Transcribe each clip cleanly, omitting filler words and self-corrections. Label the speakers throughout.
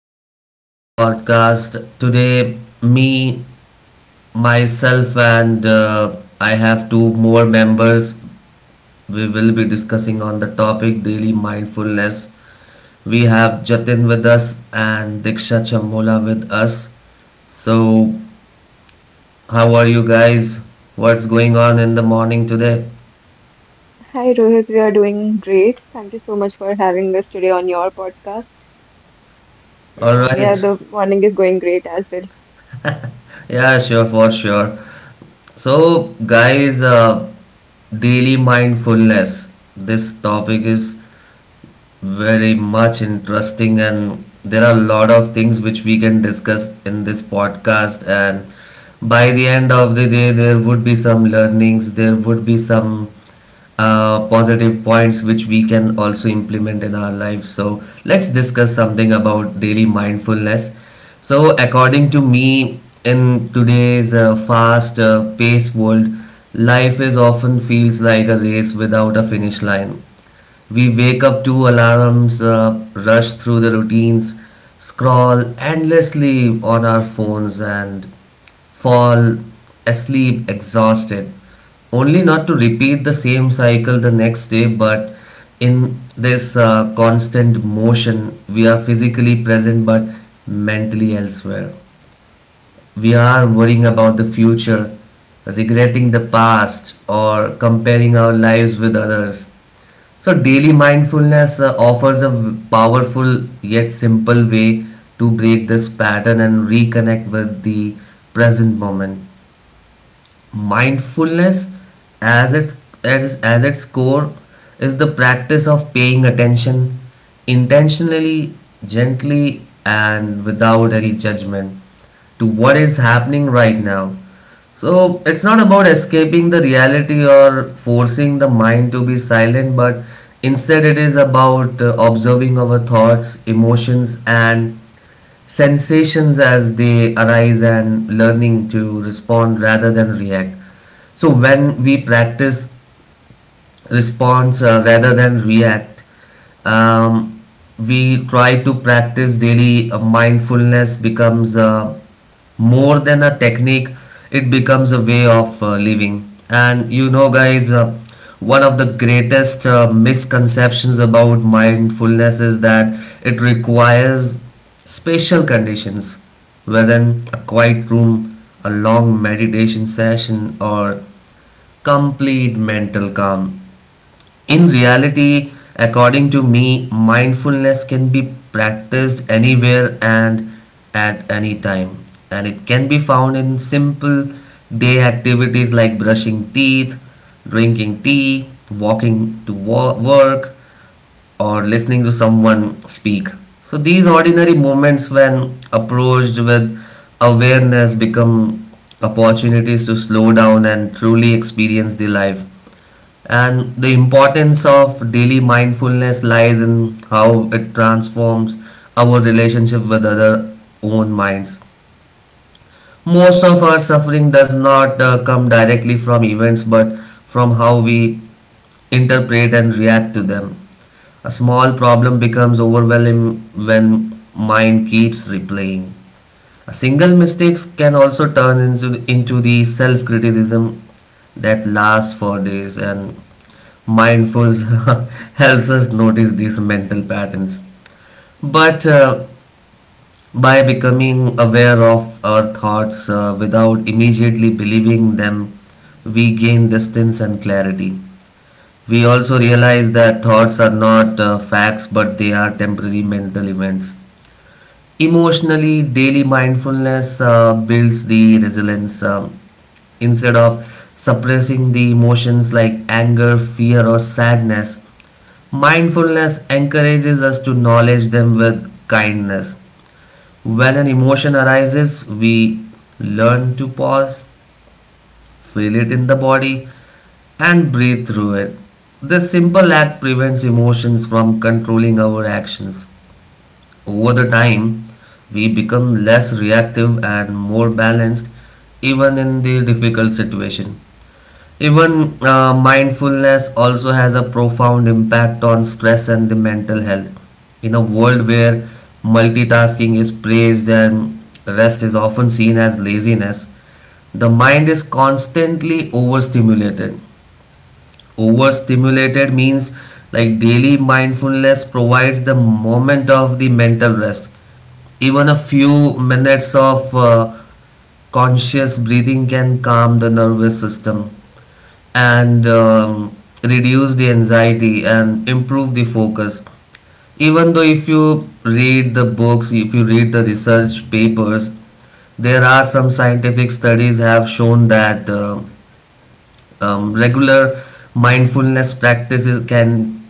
Speaker 1: again to our podcast. Today, me, myself, and I have two more members. We will be discussing on the topic daily mindfulness. We have Jatin with us and Diksha Chamola with us. So, how are you guys? What's going on in the morning today?
Speaker 2: Hi Rohit, we are doing great. Thank you so much for having us today on your podcast.
Speaker 1: All
Speaker 3: Yes,
Speaker 2: And yeah,
Speaker 1: right.
Speaker 2: the morning is going great as well.
Speaker 1: Yeah,
Speaker 3: yeah,
Speaker 1: sure, for sure. So, guys, daily mindfulness. This topic is very much interesting, and there are a lot of things which we can discuss in this podcast. And by the end of the day, there would be some learnings, there would be some positive points which we can also implement in our lives. So let's discuss something about daily mindfulness. So according to me, in today's fast paced world, life is often feels like a race without a finish line. We wake up to alarms, rush through the routines, scroll endlessly on our phones, and fall asleep exhausted, only not to repeat the same cycle the next day. But in this constant motion, we are physically present but mentally elsewhere. We are worrying about the future, regretting the past, or comparing our lives with others. So, daily mindfulness offers a powerful yet simple way to break this pattern and reconnect with the present moment. Mindfulness, as its, as its core, is the practice of paying attention intentionally, gently, and without any judgment to what is happening right now. So it's not about escaping the reality or forcing the mind to be silent, but instead it is about observing our thoughts, emotions, and sensations as they arise and learning to respond rather than react. So when we practice response rather than react. Um, we try to practice daily mindfulness becomes more than a technique, it becomes a way of living. And you know, guys, one of the greatest misconceptions about mindfulness is that it requires special conditions, wherein a quiet room, a long meditation session, or complete mental calm. In reality, according to me, mindfulness can be practiced anywhere and at any time, and it can be found in simple day activities like brushing teeth, drinking tea, walking to work, or listening to someone speak. So these ordinary moments, when approached with awareness, become opportunities to slow down and truly experience the life. And the importance of daily mindfulness lies in how it transforms our relationship with other own minds. Most of our suffering does not come directly from events but from how we interpret and react to them. A small problem becomes overwhelming when mind keeps replaying. A single mistake can also turn into the self criticism that lasts for days. And mindfulness helps us notice these mental patterns. But by becoming aware of our thoughts without immediately believing them, we gain distance and clarity. We also realize that thoughts are not facts but they are temporary mental events. Emotionally, daily mindfulness builds the resilience. Instead of suppressing the emotions like anger, fear, or sadness, mindfulness encourages us to acknowledge them with kindness. When an emotion arises, we learn to pause, feel it in the body, and breathe through it. This simple act prevents emotions from controlling our actions. Over the time, we become less reactive and more balanced even in the difficult situation. Even mindfulness also has a profound impact on stress and the mental health. In a world where multitasking is praised and rest is often seen as laziness, the mind is constantly overstimulated. Overstimulated means like daily mindfulness provides the moment of the mental rest. Even a few minutes of conscious breathing can calm the nervous system and reduce the anxiety and improve the focus. Even though if you read the books, if you read the research papers, there are some scientific studies have shown that regular mindfulness practices can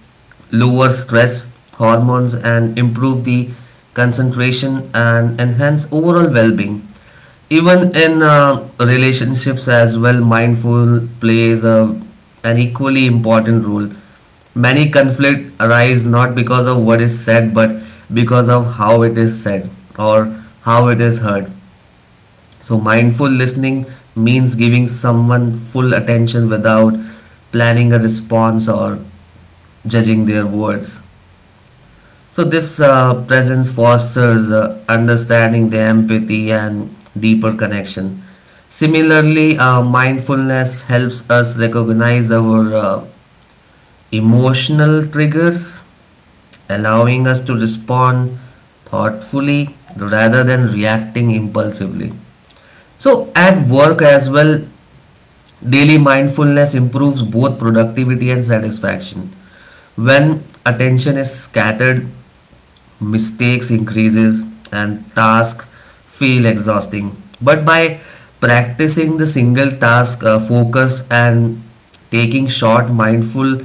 Speaker 1: lower stress hormones and improve the concentration and enhance overall well-being. Even in relationships as well, mindful plays a, an equally important role. Many conflicts arise not because of what is said but because of how it is said, or how it is heard. So, mindful listening means giving someone full attention without planning a response or judging their words. So, this presence fosters understanding, the empathy, and deeper connection. Similarly, mindfulness helps us recognize our emotional triggers, allowing us to respond thoughtfully rather than reacting impulsively. So, at work as well, daily mindfulness improves both productivity and satisfaction. When attention is scattered, mistakes increases and tasks feel exhausting. But by practicing the single task focus and taking short mindful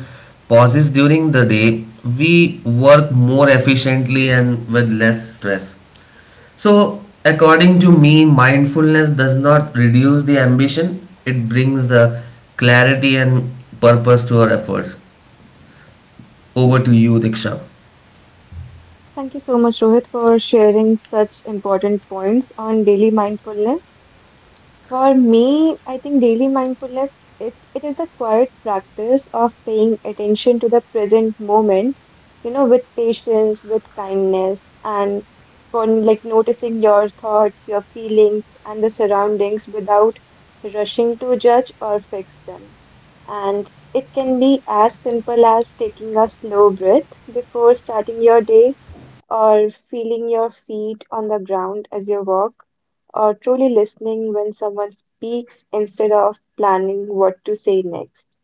Speaker 1: pauses during the day, we work more efficiently and with less stress. So, according to me, mindfulness does not reduce the ambition, it brings clarity and purpose to our efforts. Over to you, Diksha.
Speaker 2: Thank you so much, Rohit, for sharing such important points on daily mindfulness. For me, I think daily mindfulness it is the quiet practice of paying attention to the present moment, you know, with patience, with kindness, and on like noticing your thoughts, your feelings, and the surroundings without rushing to judge or fix them. And it can be as simple as taking a slow breath before starting your day or feeling your feet on the ground as you walk or truly listening when someone speaks instead of planning what to say next.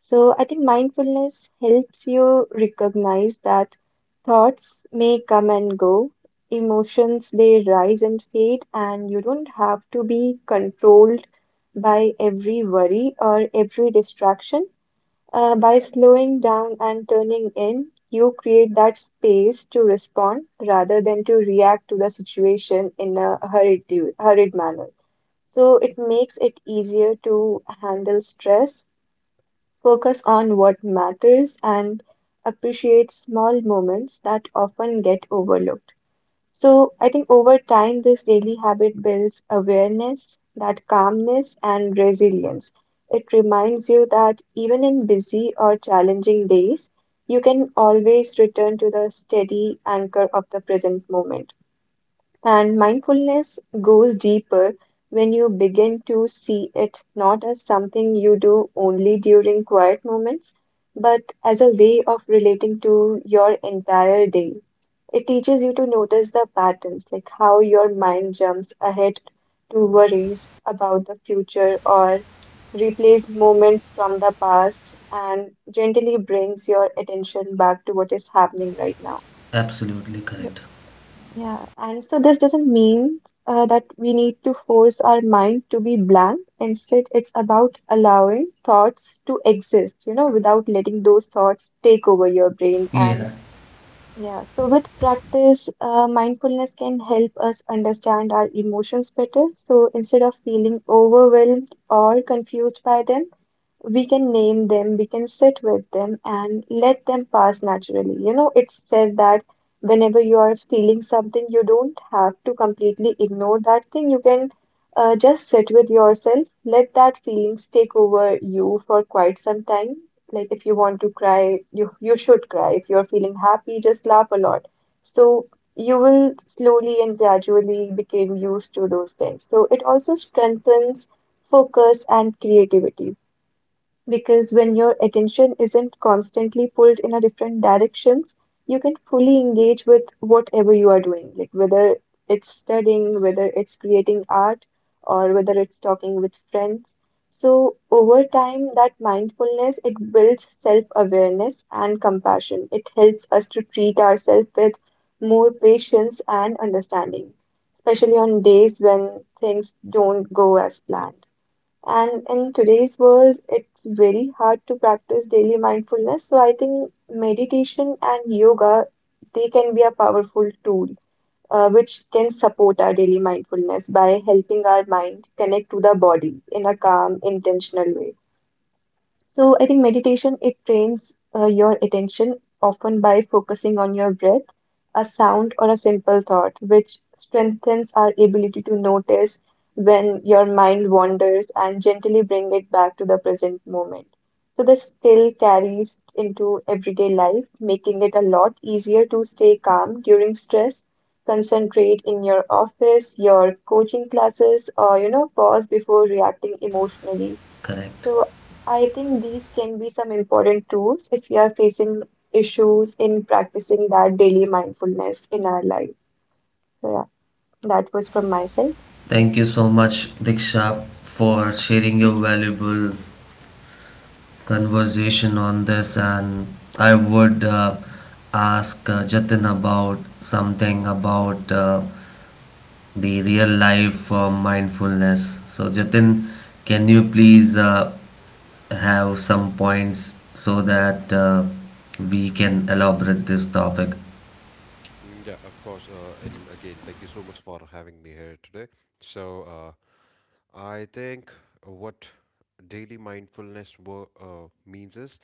Speaker 2: So I think mindfulness helps you recognize that thoughts may come and go, emotions they rise and fade, and you don't have to be controlled by every worry or every distraction, by slowing down and turning in, you create that space to respond rather than to react to the situation in a hurried, hurried manner. So it makes it easier to handle stress, focus on what matters, and appreciate small moments that often get overlooked. So I think over time, this daily habit builds awareness, that calmness, and resilience. It reminds you that even in busy or challenging days, you can always return to the steady anchor of the present moment. And mindfulness goes deeper when you begin to see it not as something you do only during quiet moments, but as a way of relating to your entire day. It teaches you to notice the patterns, like how your mind jumps ahead to worries about the future or replays moments from the past and gently brings your attention back to what is happening right now.
Speaker 1: Absolutely correct.
Speaker 2: Yeah, and so this doesn't mean that we need to force our mind to be blank. Instead, it's about allowing thoughts to exist, you know, without letting those thoughts take over your brain.
Speaker 1: Yeah.
Speaker 2: And yeah, so with practice, mindfulness can help us understand our emotions better. So instead of feeling overwhelmed or confused by them, we can name them, we can sit with them and let them pass naturally. You know, it's said that whenever you are feeling something, you don't have to completely ignore that thing. You can just sit with yourself, let that feelings take over you for quite some time. Like if you want to cry, you should cry. If you're feeling happy, just laugh a lot. So you will slowly and gradually become used to those things. So it also strengthens focus and creativity because when your attention isn't constantly pulled in a different directions, you can fully engage with whatever you are doing, like whether it's studying, whether it's creating art, or whether it's talking with friends. So over time that mindfulness it builds self-awareness and compassion. It helps us to treat ourselves with more patience and understanding, especially on days when things don't go as planned. And in today's world, it's very hard to practice daily mindfulness. So I think meditation and yoga, they can be a powerful tool which can support our daily mindfulness by helping our mind connect to the body in a calm, intentional way. So I think meditation it trains your attention, often by focusing on your breath, a sound or a simple thought, which strengthens our ability to notice when your mind wanders and gently bring it back to the present moment. So this skill carries into everyday life, making it a lot easier to stay calm during stress, concentrate in your office, your coaching classes, or you know, pause before reacting emotionally.
Speaker 1: Correct.
Speaker 2: So I think these can be some important tools if we are facing issues in practicing that daily mindfulness in our life. So yeah, that was from my side.
Speaker 1: Thank you so much, Diksha, for sharing your
Speaker 2: Thank you.
Speaker 1: valuable conversation on this. And I would ask Jatin about something about the real life mindfulness. So, Jatin, can you please have some points so that we can elaborate this topic?
Speaker 3: yeah, of course. And again, thank you so much for having me here today. So, I think what daily mindfulness means is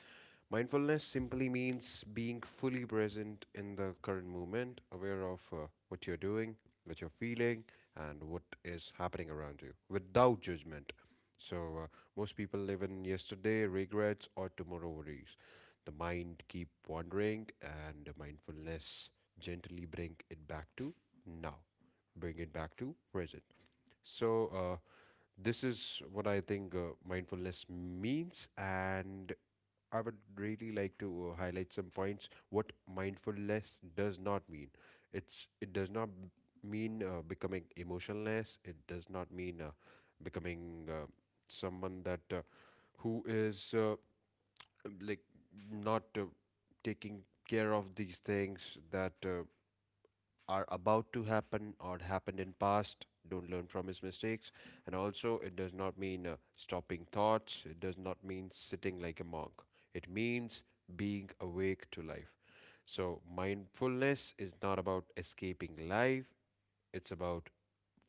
Speaker 3: mindfulness simply means being fully present in the current moment, aware of what you're doing, what you're feeling, and what is happening around you without judgment. So, most people live in yesterday, regrets, or tomorrow worries. The mind keep wandering, and mindfulness gently bring it back to now, bring it back to present. So, this is what I think mindfulness means, and I would really like to highlight some points what mindfulness does not mean. It does not mean becoming emotionless. It does not mean becoming someone that who is like not taking care of these things that are about to happen or happened in past, don't learn from his mistakes. And also it does not mean stopping thoughts, it does not mean sitting like a monk. It means being awake to life. So mindfulness is not about escaping life, it's about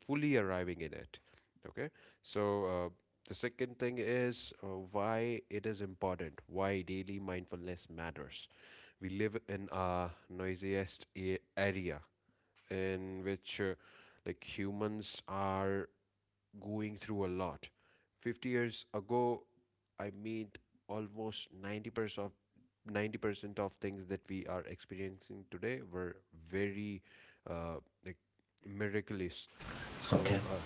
Speaker 3: fully arriving in it. Okay, so the second thing is, why it is important, why daily mindfulness matters. We live in a noisiest area in which like humans are going through a lot. 50 years ago, I mean almost 90% of 90% of things that we are experiencing today were very, uh, like miraculous.
Speaker 1: Okay,
Speaker 3: So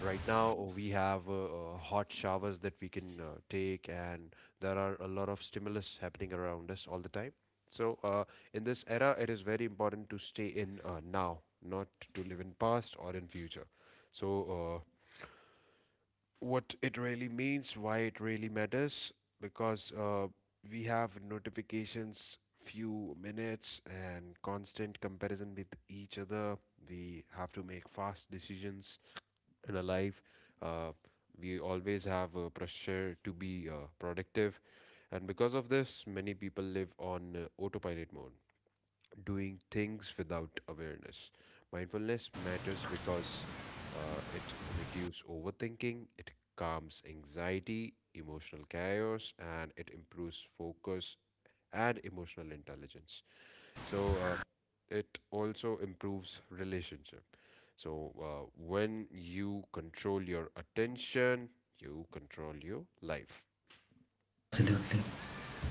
Speaker 3: right now we have hot showers that we can take, and there are a lot of stimulus happening around us all the time. So in this era, it is very important to stay in now, not to live in past or in future. So what it really means, why it really matters, because we have notifications, few minutes, and constant comparison with each other. We have to make fast decisions in our life. Uh, we always have a pressure to be productive, and because of this, many people live on autopilot mode doing things without awareness. Mindfulness matters because it reduces overthinking, it calms anxiety, emotional chaos, and it improves focus and emotional intelligence. So it also improves relationship. So when you control your attention, you control your life.
Speaker 1: absolutely.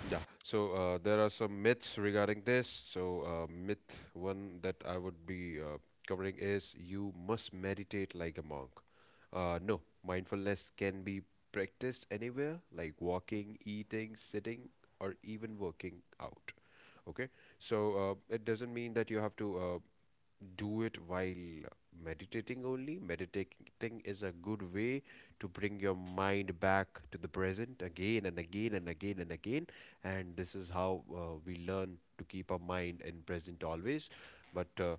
Speaker 3: Yeah, so there are some myths regarding this. So, myth one that I would be covering is you must meditate like a monk. No, mindfulness can be practiced anywhere, like walking, eating, sitting, or even working out. Okay, so it doesn't mean that you have to do it while meditating only. Meditating is a good way to bring your mind back to the present again and again and again and again. And this is how we learn to keep our mind in present always. But uh,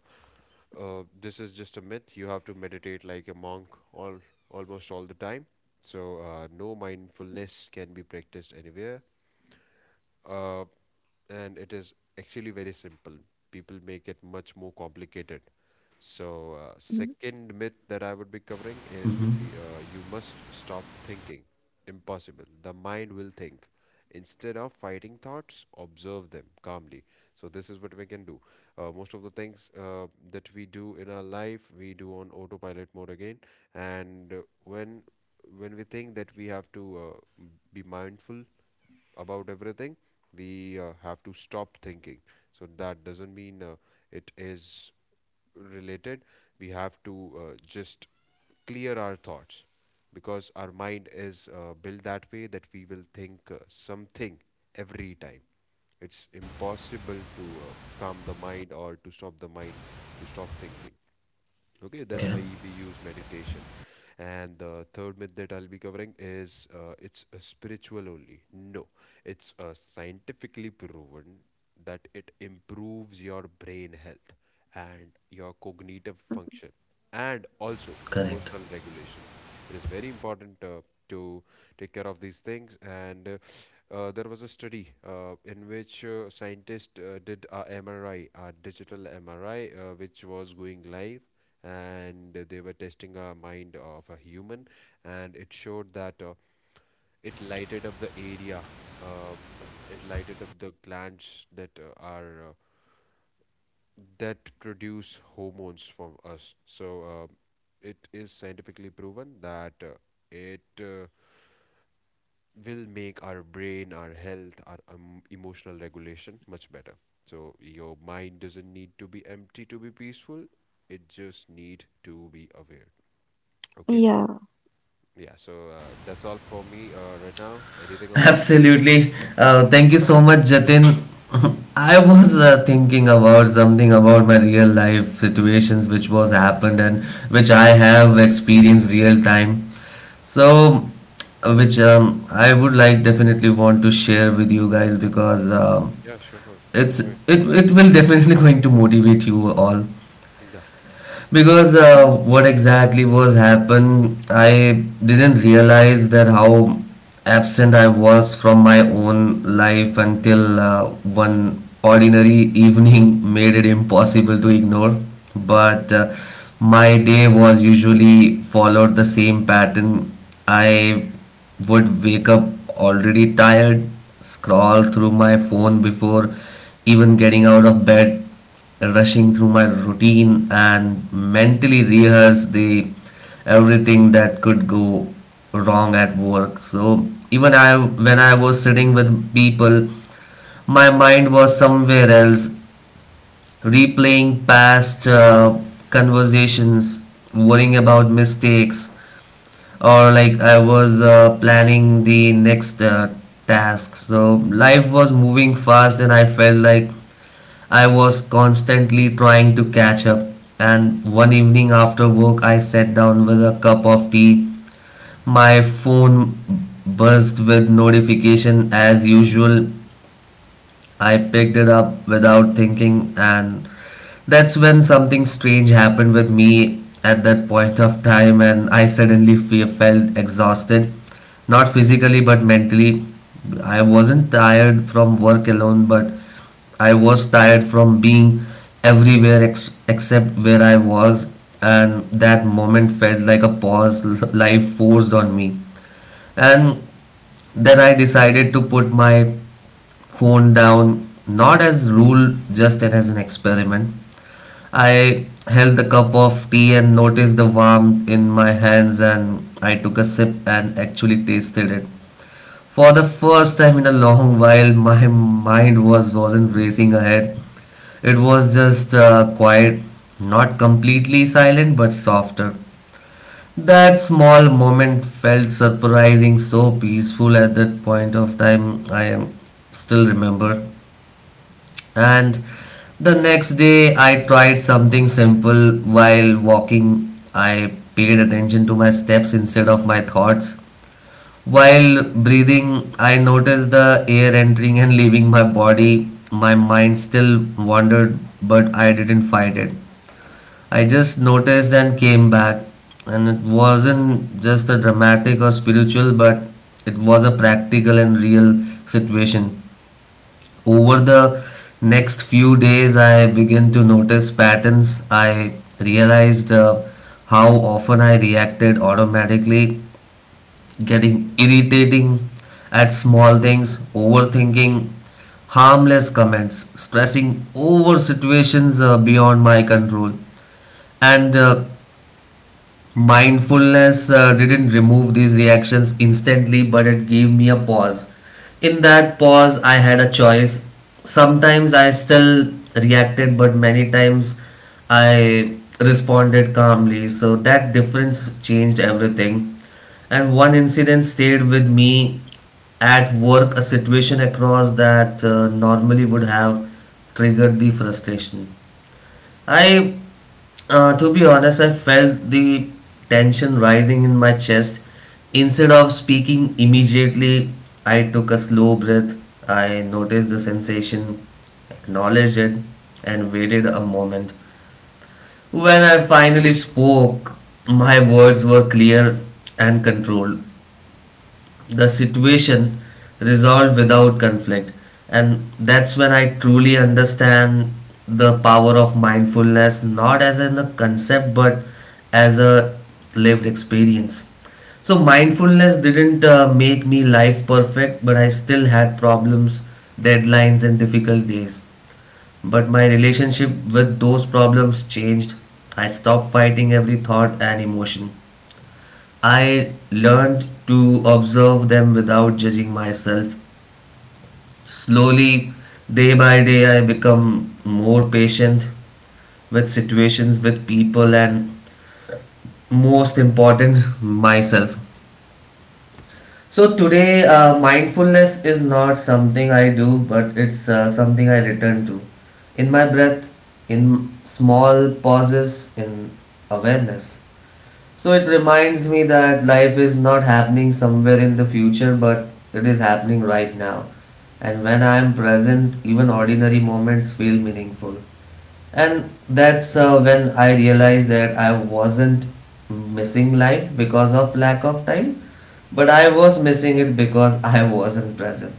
Speaker 3: uh, this is just a myth. You have to meditate like a monk all almost all the time. So no, mindfulness can be practiced anywhere, uh, and it is actually very simple. People make it much more complicated. So,
Speaker 2: Mm,
Speaker 3: second myth that I would be covering is would
Speaker 1: Mm-hmm.
Speaker 3: be, you must stop thinking. Impossible. The mind will think. Instead of fighting thoughts, observe them calmly. So this is what we can do. Most of the things that we do in our life, we do on autopilot mode again. And when when we think that we have to be mindful about everything, we have to stop thinking. So that doesn't mean it is related. We have to just clear our thoughts because our mind is built that way, that we will think something every time. It's impossible to calm the mind or to stop the mind to stop thinking. Okay, that's
Speaker 1: Okay,
Speaker 3: why we use meditation. And the third myth that I'll be covering is, it's a spiritual only. No, it's scientifically proven that it improves your brain health and your cognitive function
Speaker 2: mm,
Speaker 3: and also
Speaker 1: correct.
Speaker 3: emotional regulation. It is very important to take care of these things. And there was a study in which scientists did a MRI, a digital MRI, which was going live and they were testing a mind of a human, and it showed that it lighted up the area, uh, it lighted up the glands that are that produce hormones from us. So it is scientifically proven that it will make our brain, our health, our emotional regulation much better. So your mind doesn't need to be empty to be peaceful, it just need to be aware. Okay,
Speaker 2: Yeah.
Speaker 3: yeah, so that's all for me right now. Anything on this?
Speaker 1: Absolutely. Thank you so much, Jatin. I was thinking about something about my real life situations which was happened and which I have experienced real time.
Speaker 3: Mhm.
Speaker 1: So, which I would like definitely want to share with you guys because
Speaker 3: Yeah, sure, sure. Go
Speaker 1: it's
Speaker 3: ahead.
Speaker 1: it will definitely going to motivate you all
Speaker 3: Yeah.
Speaker 1: because what
Speaker 2: Mhm.
Speaker 1: exactly was happened, I didn't realize that how absent I was from my own life until one ordinary evening made it impossible to ignore. But my day was usually followed the same pattern. I would wake up already tired, scroll through my phone before even getting out of bed, rushing through my routine and mentally rehearse the everything that could go wrong at work. So even I when I was sitting with people, my mind was somewhere else, replaying past conversations, worrying about mistakes, or like I was planning the next task. So life was moving fast and I felt like I was constantly trying to catch up, and one evening after work, I sat down with a cup of tea. My phone buzzed with notification as usual, I picked it up without thinking, and that's when something strange happened with me at that point of time, and I suddenly felt exhausted. Not physically, but mentally. I wasn't tired from work alone, but I was tired from being everywhere except where I was, and that moment felt like a pause life forced on me. And then I decided to put my phone down, not as rule, just as an experiment. I held the cup of tea and noticed the warmth in my hands, and I took a sip and actually tasted it. For the first time in a long while, my mind wasn't racing ahead. It was just quiet, not completely silent, but softer. That small moment felt surprising, so peaceful at that point of time. I am still remember. And the next day, I tried something simple while walking. I paid attention to my steps instead of my thoughts. While breathing, I noticed the air entering and leaving my body. My mind still wandered, but I didn't fight it. I just noticed and came back, and it wasn't just a dramatic or spiritual, but it was a practical and real situation. Over the next few days, I began to notice patterns. I realized how often I reacted automatically, getting irritating at small things, overthinking harmless comments, stressing over situations beyond my control, and mindfulness didn't remove these reactions instantly, but it gave me a pause. In that pause I had a choice. Sometimes I still reacted, but many times I responded calmly. So that difference changed everything. And one incident stayed with me. At work, a situation across that normally would have triggered the frustration. I, to be honest, I felt the tension rising in my chest. Instead of speaking immediately, I took a slow breath. I noticed the sensation, acknowledged it, and waited a moment. When I finally spoke, my words were clear and controlled. The situation resolved without conflict. And that's when I truly understand the power of mindfulness, not as in a concept but as a lived experience. So mindfulness didn't make me life perfect but I still had problems, deadlines and difficult days, but my relationship with those problems changed. I stopped fighting every thought and emotion. I learned to observe them without judging myself. Slowly, day by day, I become more patient with situations, with people, and most important, myself. So, today, mindfulness is not something I do, but it's something I return to in my breath, in small pauses, in awareness. So it reminds me that life is not happening somewhere in the future, but it is happening right now. And when I am present, even ordinary moments feel meaningful. And that's when I realized that I wasn't missing life because of lack of time, but I was missing it because I wasn't present.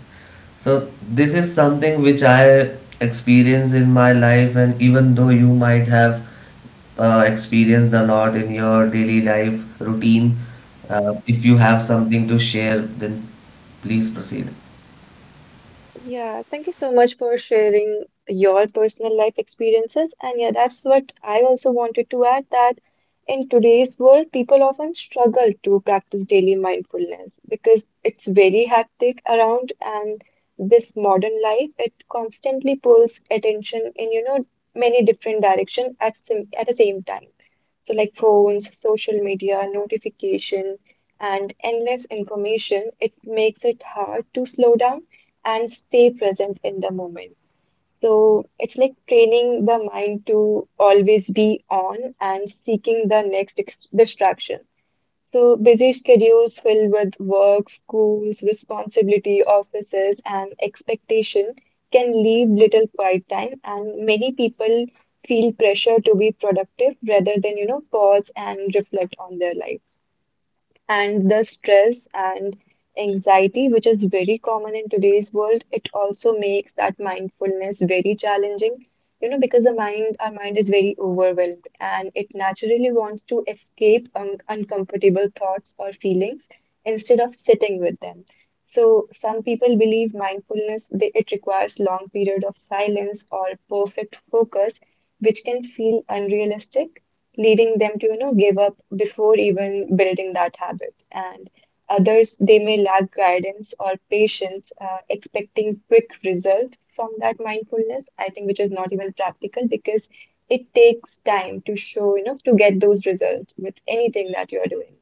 Speaker 1: So, this is something which I experienced in my life, and even though you might have experienced a lot in your daily life routine, if you have something to share, then please proceed.
Speaker 2: Yeah, thank you so much for sharing your personal life experiences. And yeah, that's what I also wanted to add that in today's world, people often struggle to practice daily mindfulness because it's very hectic around and this modern life, it constantly pulls attention in, you know, many different direction at sim at the same time. So like phones, social media, notification, and endless information, it makes it hard to slow down and stay present in the moment. So it's like training the mind to always be on and seeking the next distraction. So busy schedules filled with work, schools, responsibility, offices, and expectation can leave little quiet time, and many people feel pressure to be productive rather than, you know, pause and reflect on their life. And the stress and anxiety which is very common in today's world, it also makes that mindfulness very challenging, you know, because the mind, our mind is very overwhelmed and it naturally wants to escape uncomfortable thoughts or feelings instead of sitting with them. So some people believe mindfulness it requires long period of silence or perfect focus, which can feel unrealistic, leading them to, you know, give up before even building that habit. And others, they may lack guidance or patience, expecting quick result from that mindfulness, I think, which is not even practical because it takes time to show, you know, to get those results with anything that you are doing.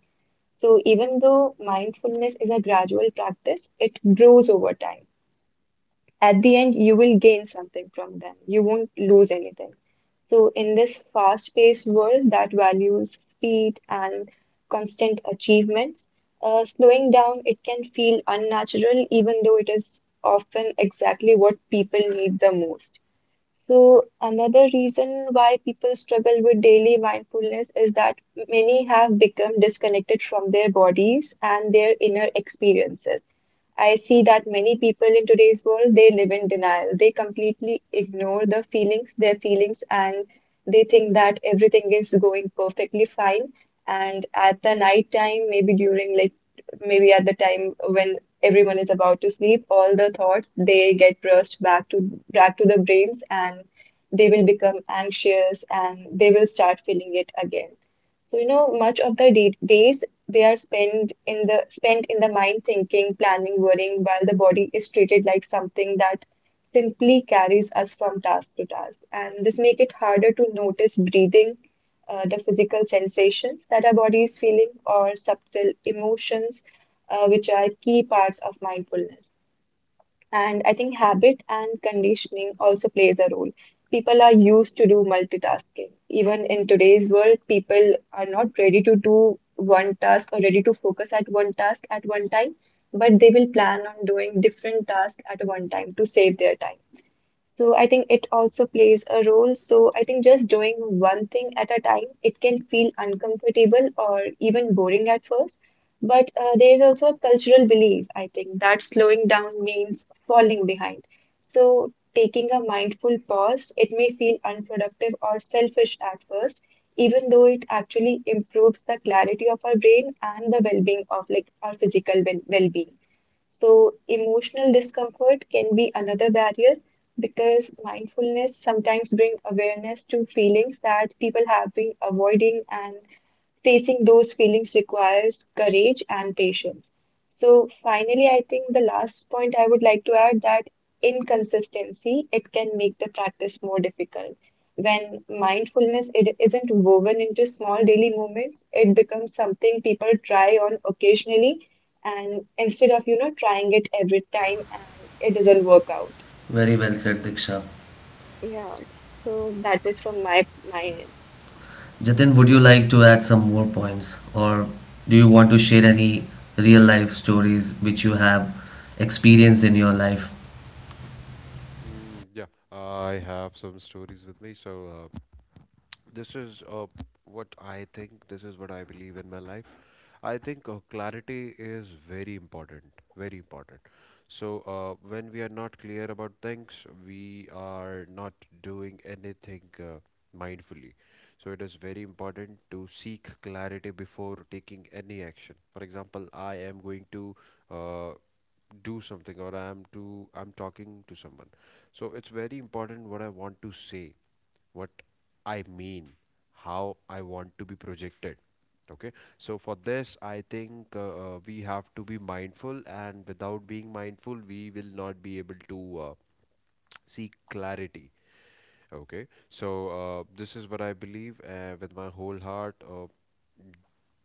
Speaker 2: So even though mindfulness is a gradual practice, it grows over time. At the end, you will gain something from them. You won't lose anything. So, in this fast-paced world that values speed and constant achievements, slowing down it can feel unnatural, even though it is often exactly what people need the most. So, another reason why people struggle with daily mindfulness is that many have become disconnected from their bodies and their inner experiences. I see that many people in today's world, they live in denial. They completely ignore the feelings, their feelings, and they think that everything is going perfectly fine. And at the night time, maybe during like maybe at the time when everyone is about to sleep, all the thoughts they get rushed back to back to the brains and they will become anxious and they will start feeling it again. So you know, much of the day days they are spent in the mind thinking, planning, worrying, while the body is treated like something that simply carries us from task to task. And this make it harder to notice breathing, the physical sensations that our body is feeling, or subtle emotions which are key parts of mindfulness. And I think habit and conditioning also plays a role. People are used to do multitasking. Even in today's world, people are not ready to do one task or ready to focus at one task at one time, but they will plan on doing different tasks at one time to save their time. So I think it also plays a role. So I think just doing one thing at a time, it can feel uncomfortable or even boring at first. But there is also a cultural belief, I think, that slowing down means falling behind. So taking a mindful pause, it may feel unproductive or selfish at first, even though it actually improves the clarity of our brain and the well-being of like our physical well-being. So, emotional discomfort can be another barrier because mindfulness sometimes bring awareness to feelings that people have been avoiding, and facing those feelings requires courage and patience. So finally, I think the last point I would like to add that inconsistency, it can make the practice more difficult. When mindfulness it isn't woven into small daily moments, it becomes something people try on occasionally and instead of, you know, trying it every time and it doesn't work out.
Speaker 1: Very well said, Diksha.
Speaker 2: Yeah, so that was from my
Speaker 1: Jatin, would you like to add some more points, or do you want to share any real life stories which you have experienced in your life?
Speaker 3: Mm, yeah, I have some stories with me. So this is what I think. This is what I believe in my life. I think clarity is very important, very important. So, when we are not clear about things, we are not doing anything mindfully. So, it is very important to seek clarity before taking any action. For example, I am going to uh, do something, or I'm talking to someone. So, it's very important what I want to say, what I mean, how I want to be projected. Okay, so for this, I think we have to be mindful, and without being mindful, we will not be able to seek clarity. Okay, so this is what I believe with my whole heart.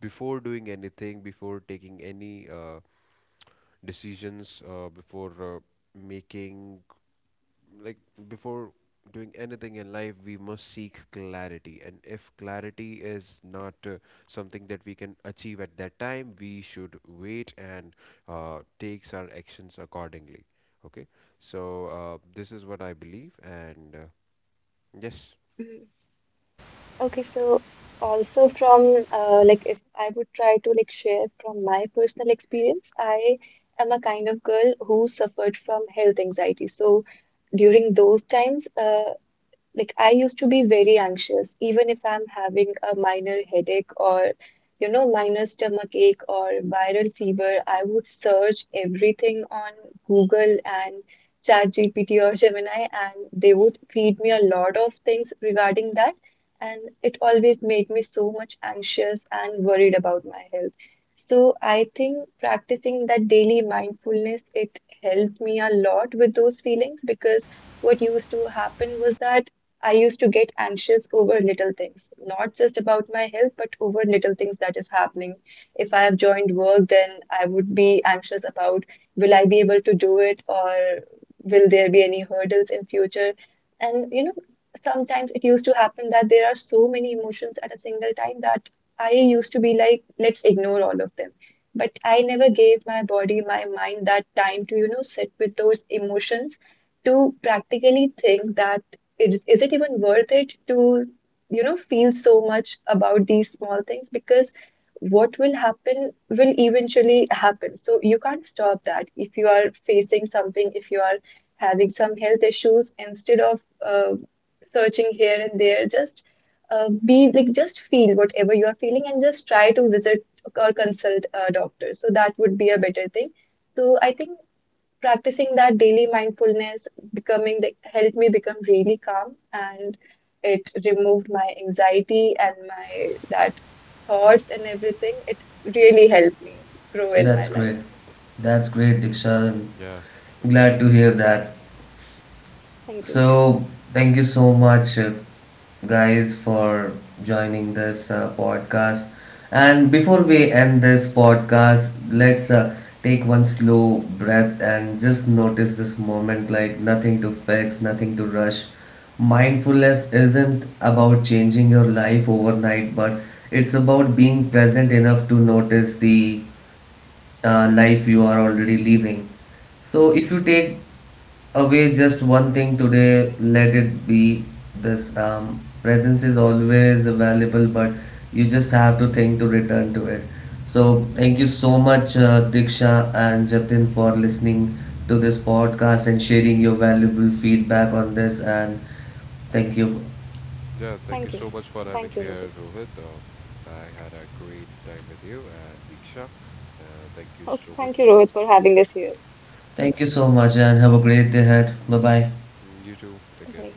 Speaker 3: Before doing anything, before taking any decisions, before making like before doing anything in life, we must seek clarity, and if clarity is not something that we can achieve at that time, we should wait and takes our actions accordingly. Okay, so this is what I believe, and yes.
Speaker 2: end. Okay, so also from like if I would try to like share from my personal experience, I am a kind of girl who suffered from health anxiety. So during those times, like I used to be very anxious, even if I'm having a minor headache or, you know, minor stomach ache or viral fever, I would search everything on Google and ChatGPT or Gemini, and they would feed me a lot of things regarding that. And it always made me so much anxious and worried about my health. So I think practicing that daily mindfulness, it helped me a lot with those feelings because what used to happen was that I used to get anxious over little things, not just about my health, but over little things that is happening. If I have joined work, then I would be anxious about will I be able to do it or will there be any hurdles in future? And you know, sometimes it used to happen that there are so many emotions at a single time that I used to be like, let's ignore all of them. But I never gave my body, my mind that time to, you know, sit with those emotions to practically think that is it even worth it to, you know, feel so much about these small things? Because what will happen will eventually happen. So you can't stop that. If you are facing something, if you are having some health issues, instead of uh, searching here and there, just be like just feel whatever you are feeling and just try to visit or consult a doctor. So that would be a better thing. So I think practicing that daily mindfulness helped me become really calm and it removed my anxiety and my that thoughts and everything, it really helped me grow in my
Speaker 1: That's
Speaker 2: life.
Speaker 1: great. That's great, Diksha.
Speaker 3: Mm, yeah,
Speaker 1: I'm
Speaker 3: that's
Speaker 1: glad
Speaker 3: really
Speaker 1: to
Speaker 3: good.
Speaker 1: hear that.
Speaker 2: Thank you.
Speaker 1: So, thank you so much, guys, for joining this podcast. And before we end this podcast, let's take one slow breath and just notice this moment like nothing to fix, nothing to rush. Mindfulness isn't about changing your life overnight, but it's about being present enough to notice the life you are already living. So if you take away just one thing today, let it be this presence is always available, but you just have to think to return to it. So thank you so much, Diksha and Jatin, for listening to this podcast and sharing your valuable feedback on this. And thank you,
Speaker 3: Yeah, thank you
Speaker 2: Thank you.
Speaker 3: so much for
Speaker 2: Thank
Speaker 3: having
Speaker 2: you,
Speaker 3: me
Speaker 2: Rohit.
Speaker 3: here, Rohit. I had a great time with you and Diksha. Thank you
Speaker 2: Okay,
Speaker 3: so
Speaker 2: thank you,
Speaker 3: much.
Speaker 2: Rohit, for having us here.
Speaker 1: thank
Speaker 3: Yeah.
Speaker 1: you so much, and have a great day ahead. Bye bye.
Speaker 3: Mm, you too, take care.
Speaker 2: Okay.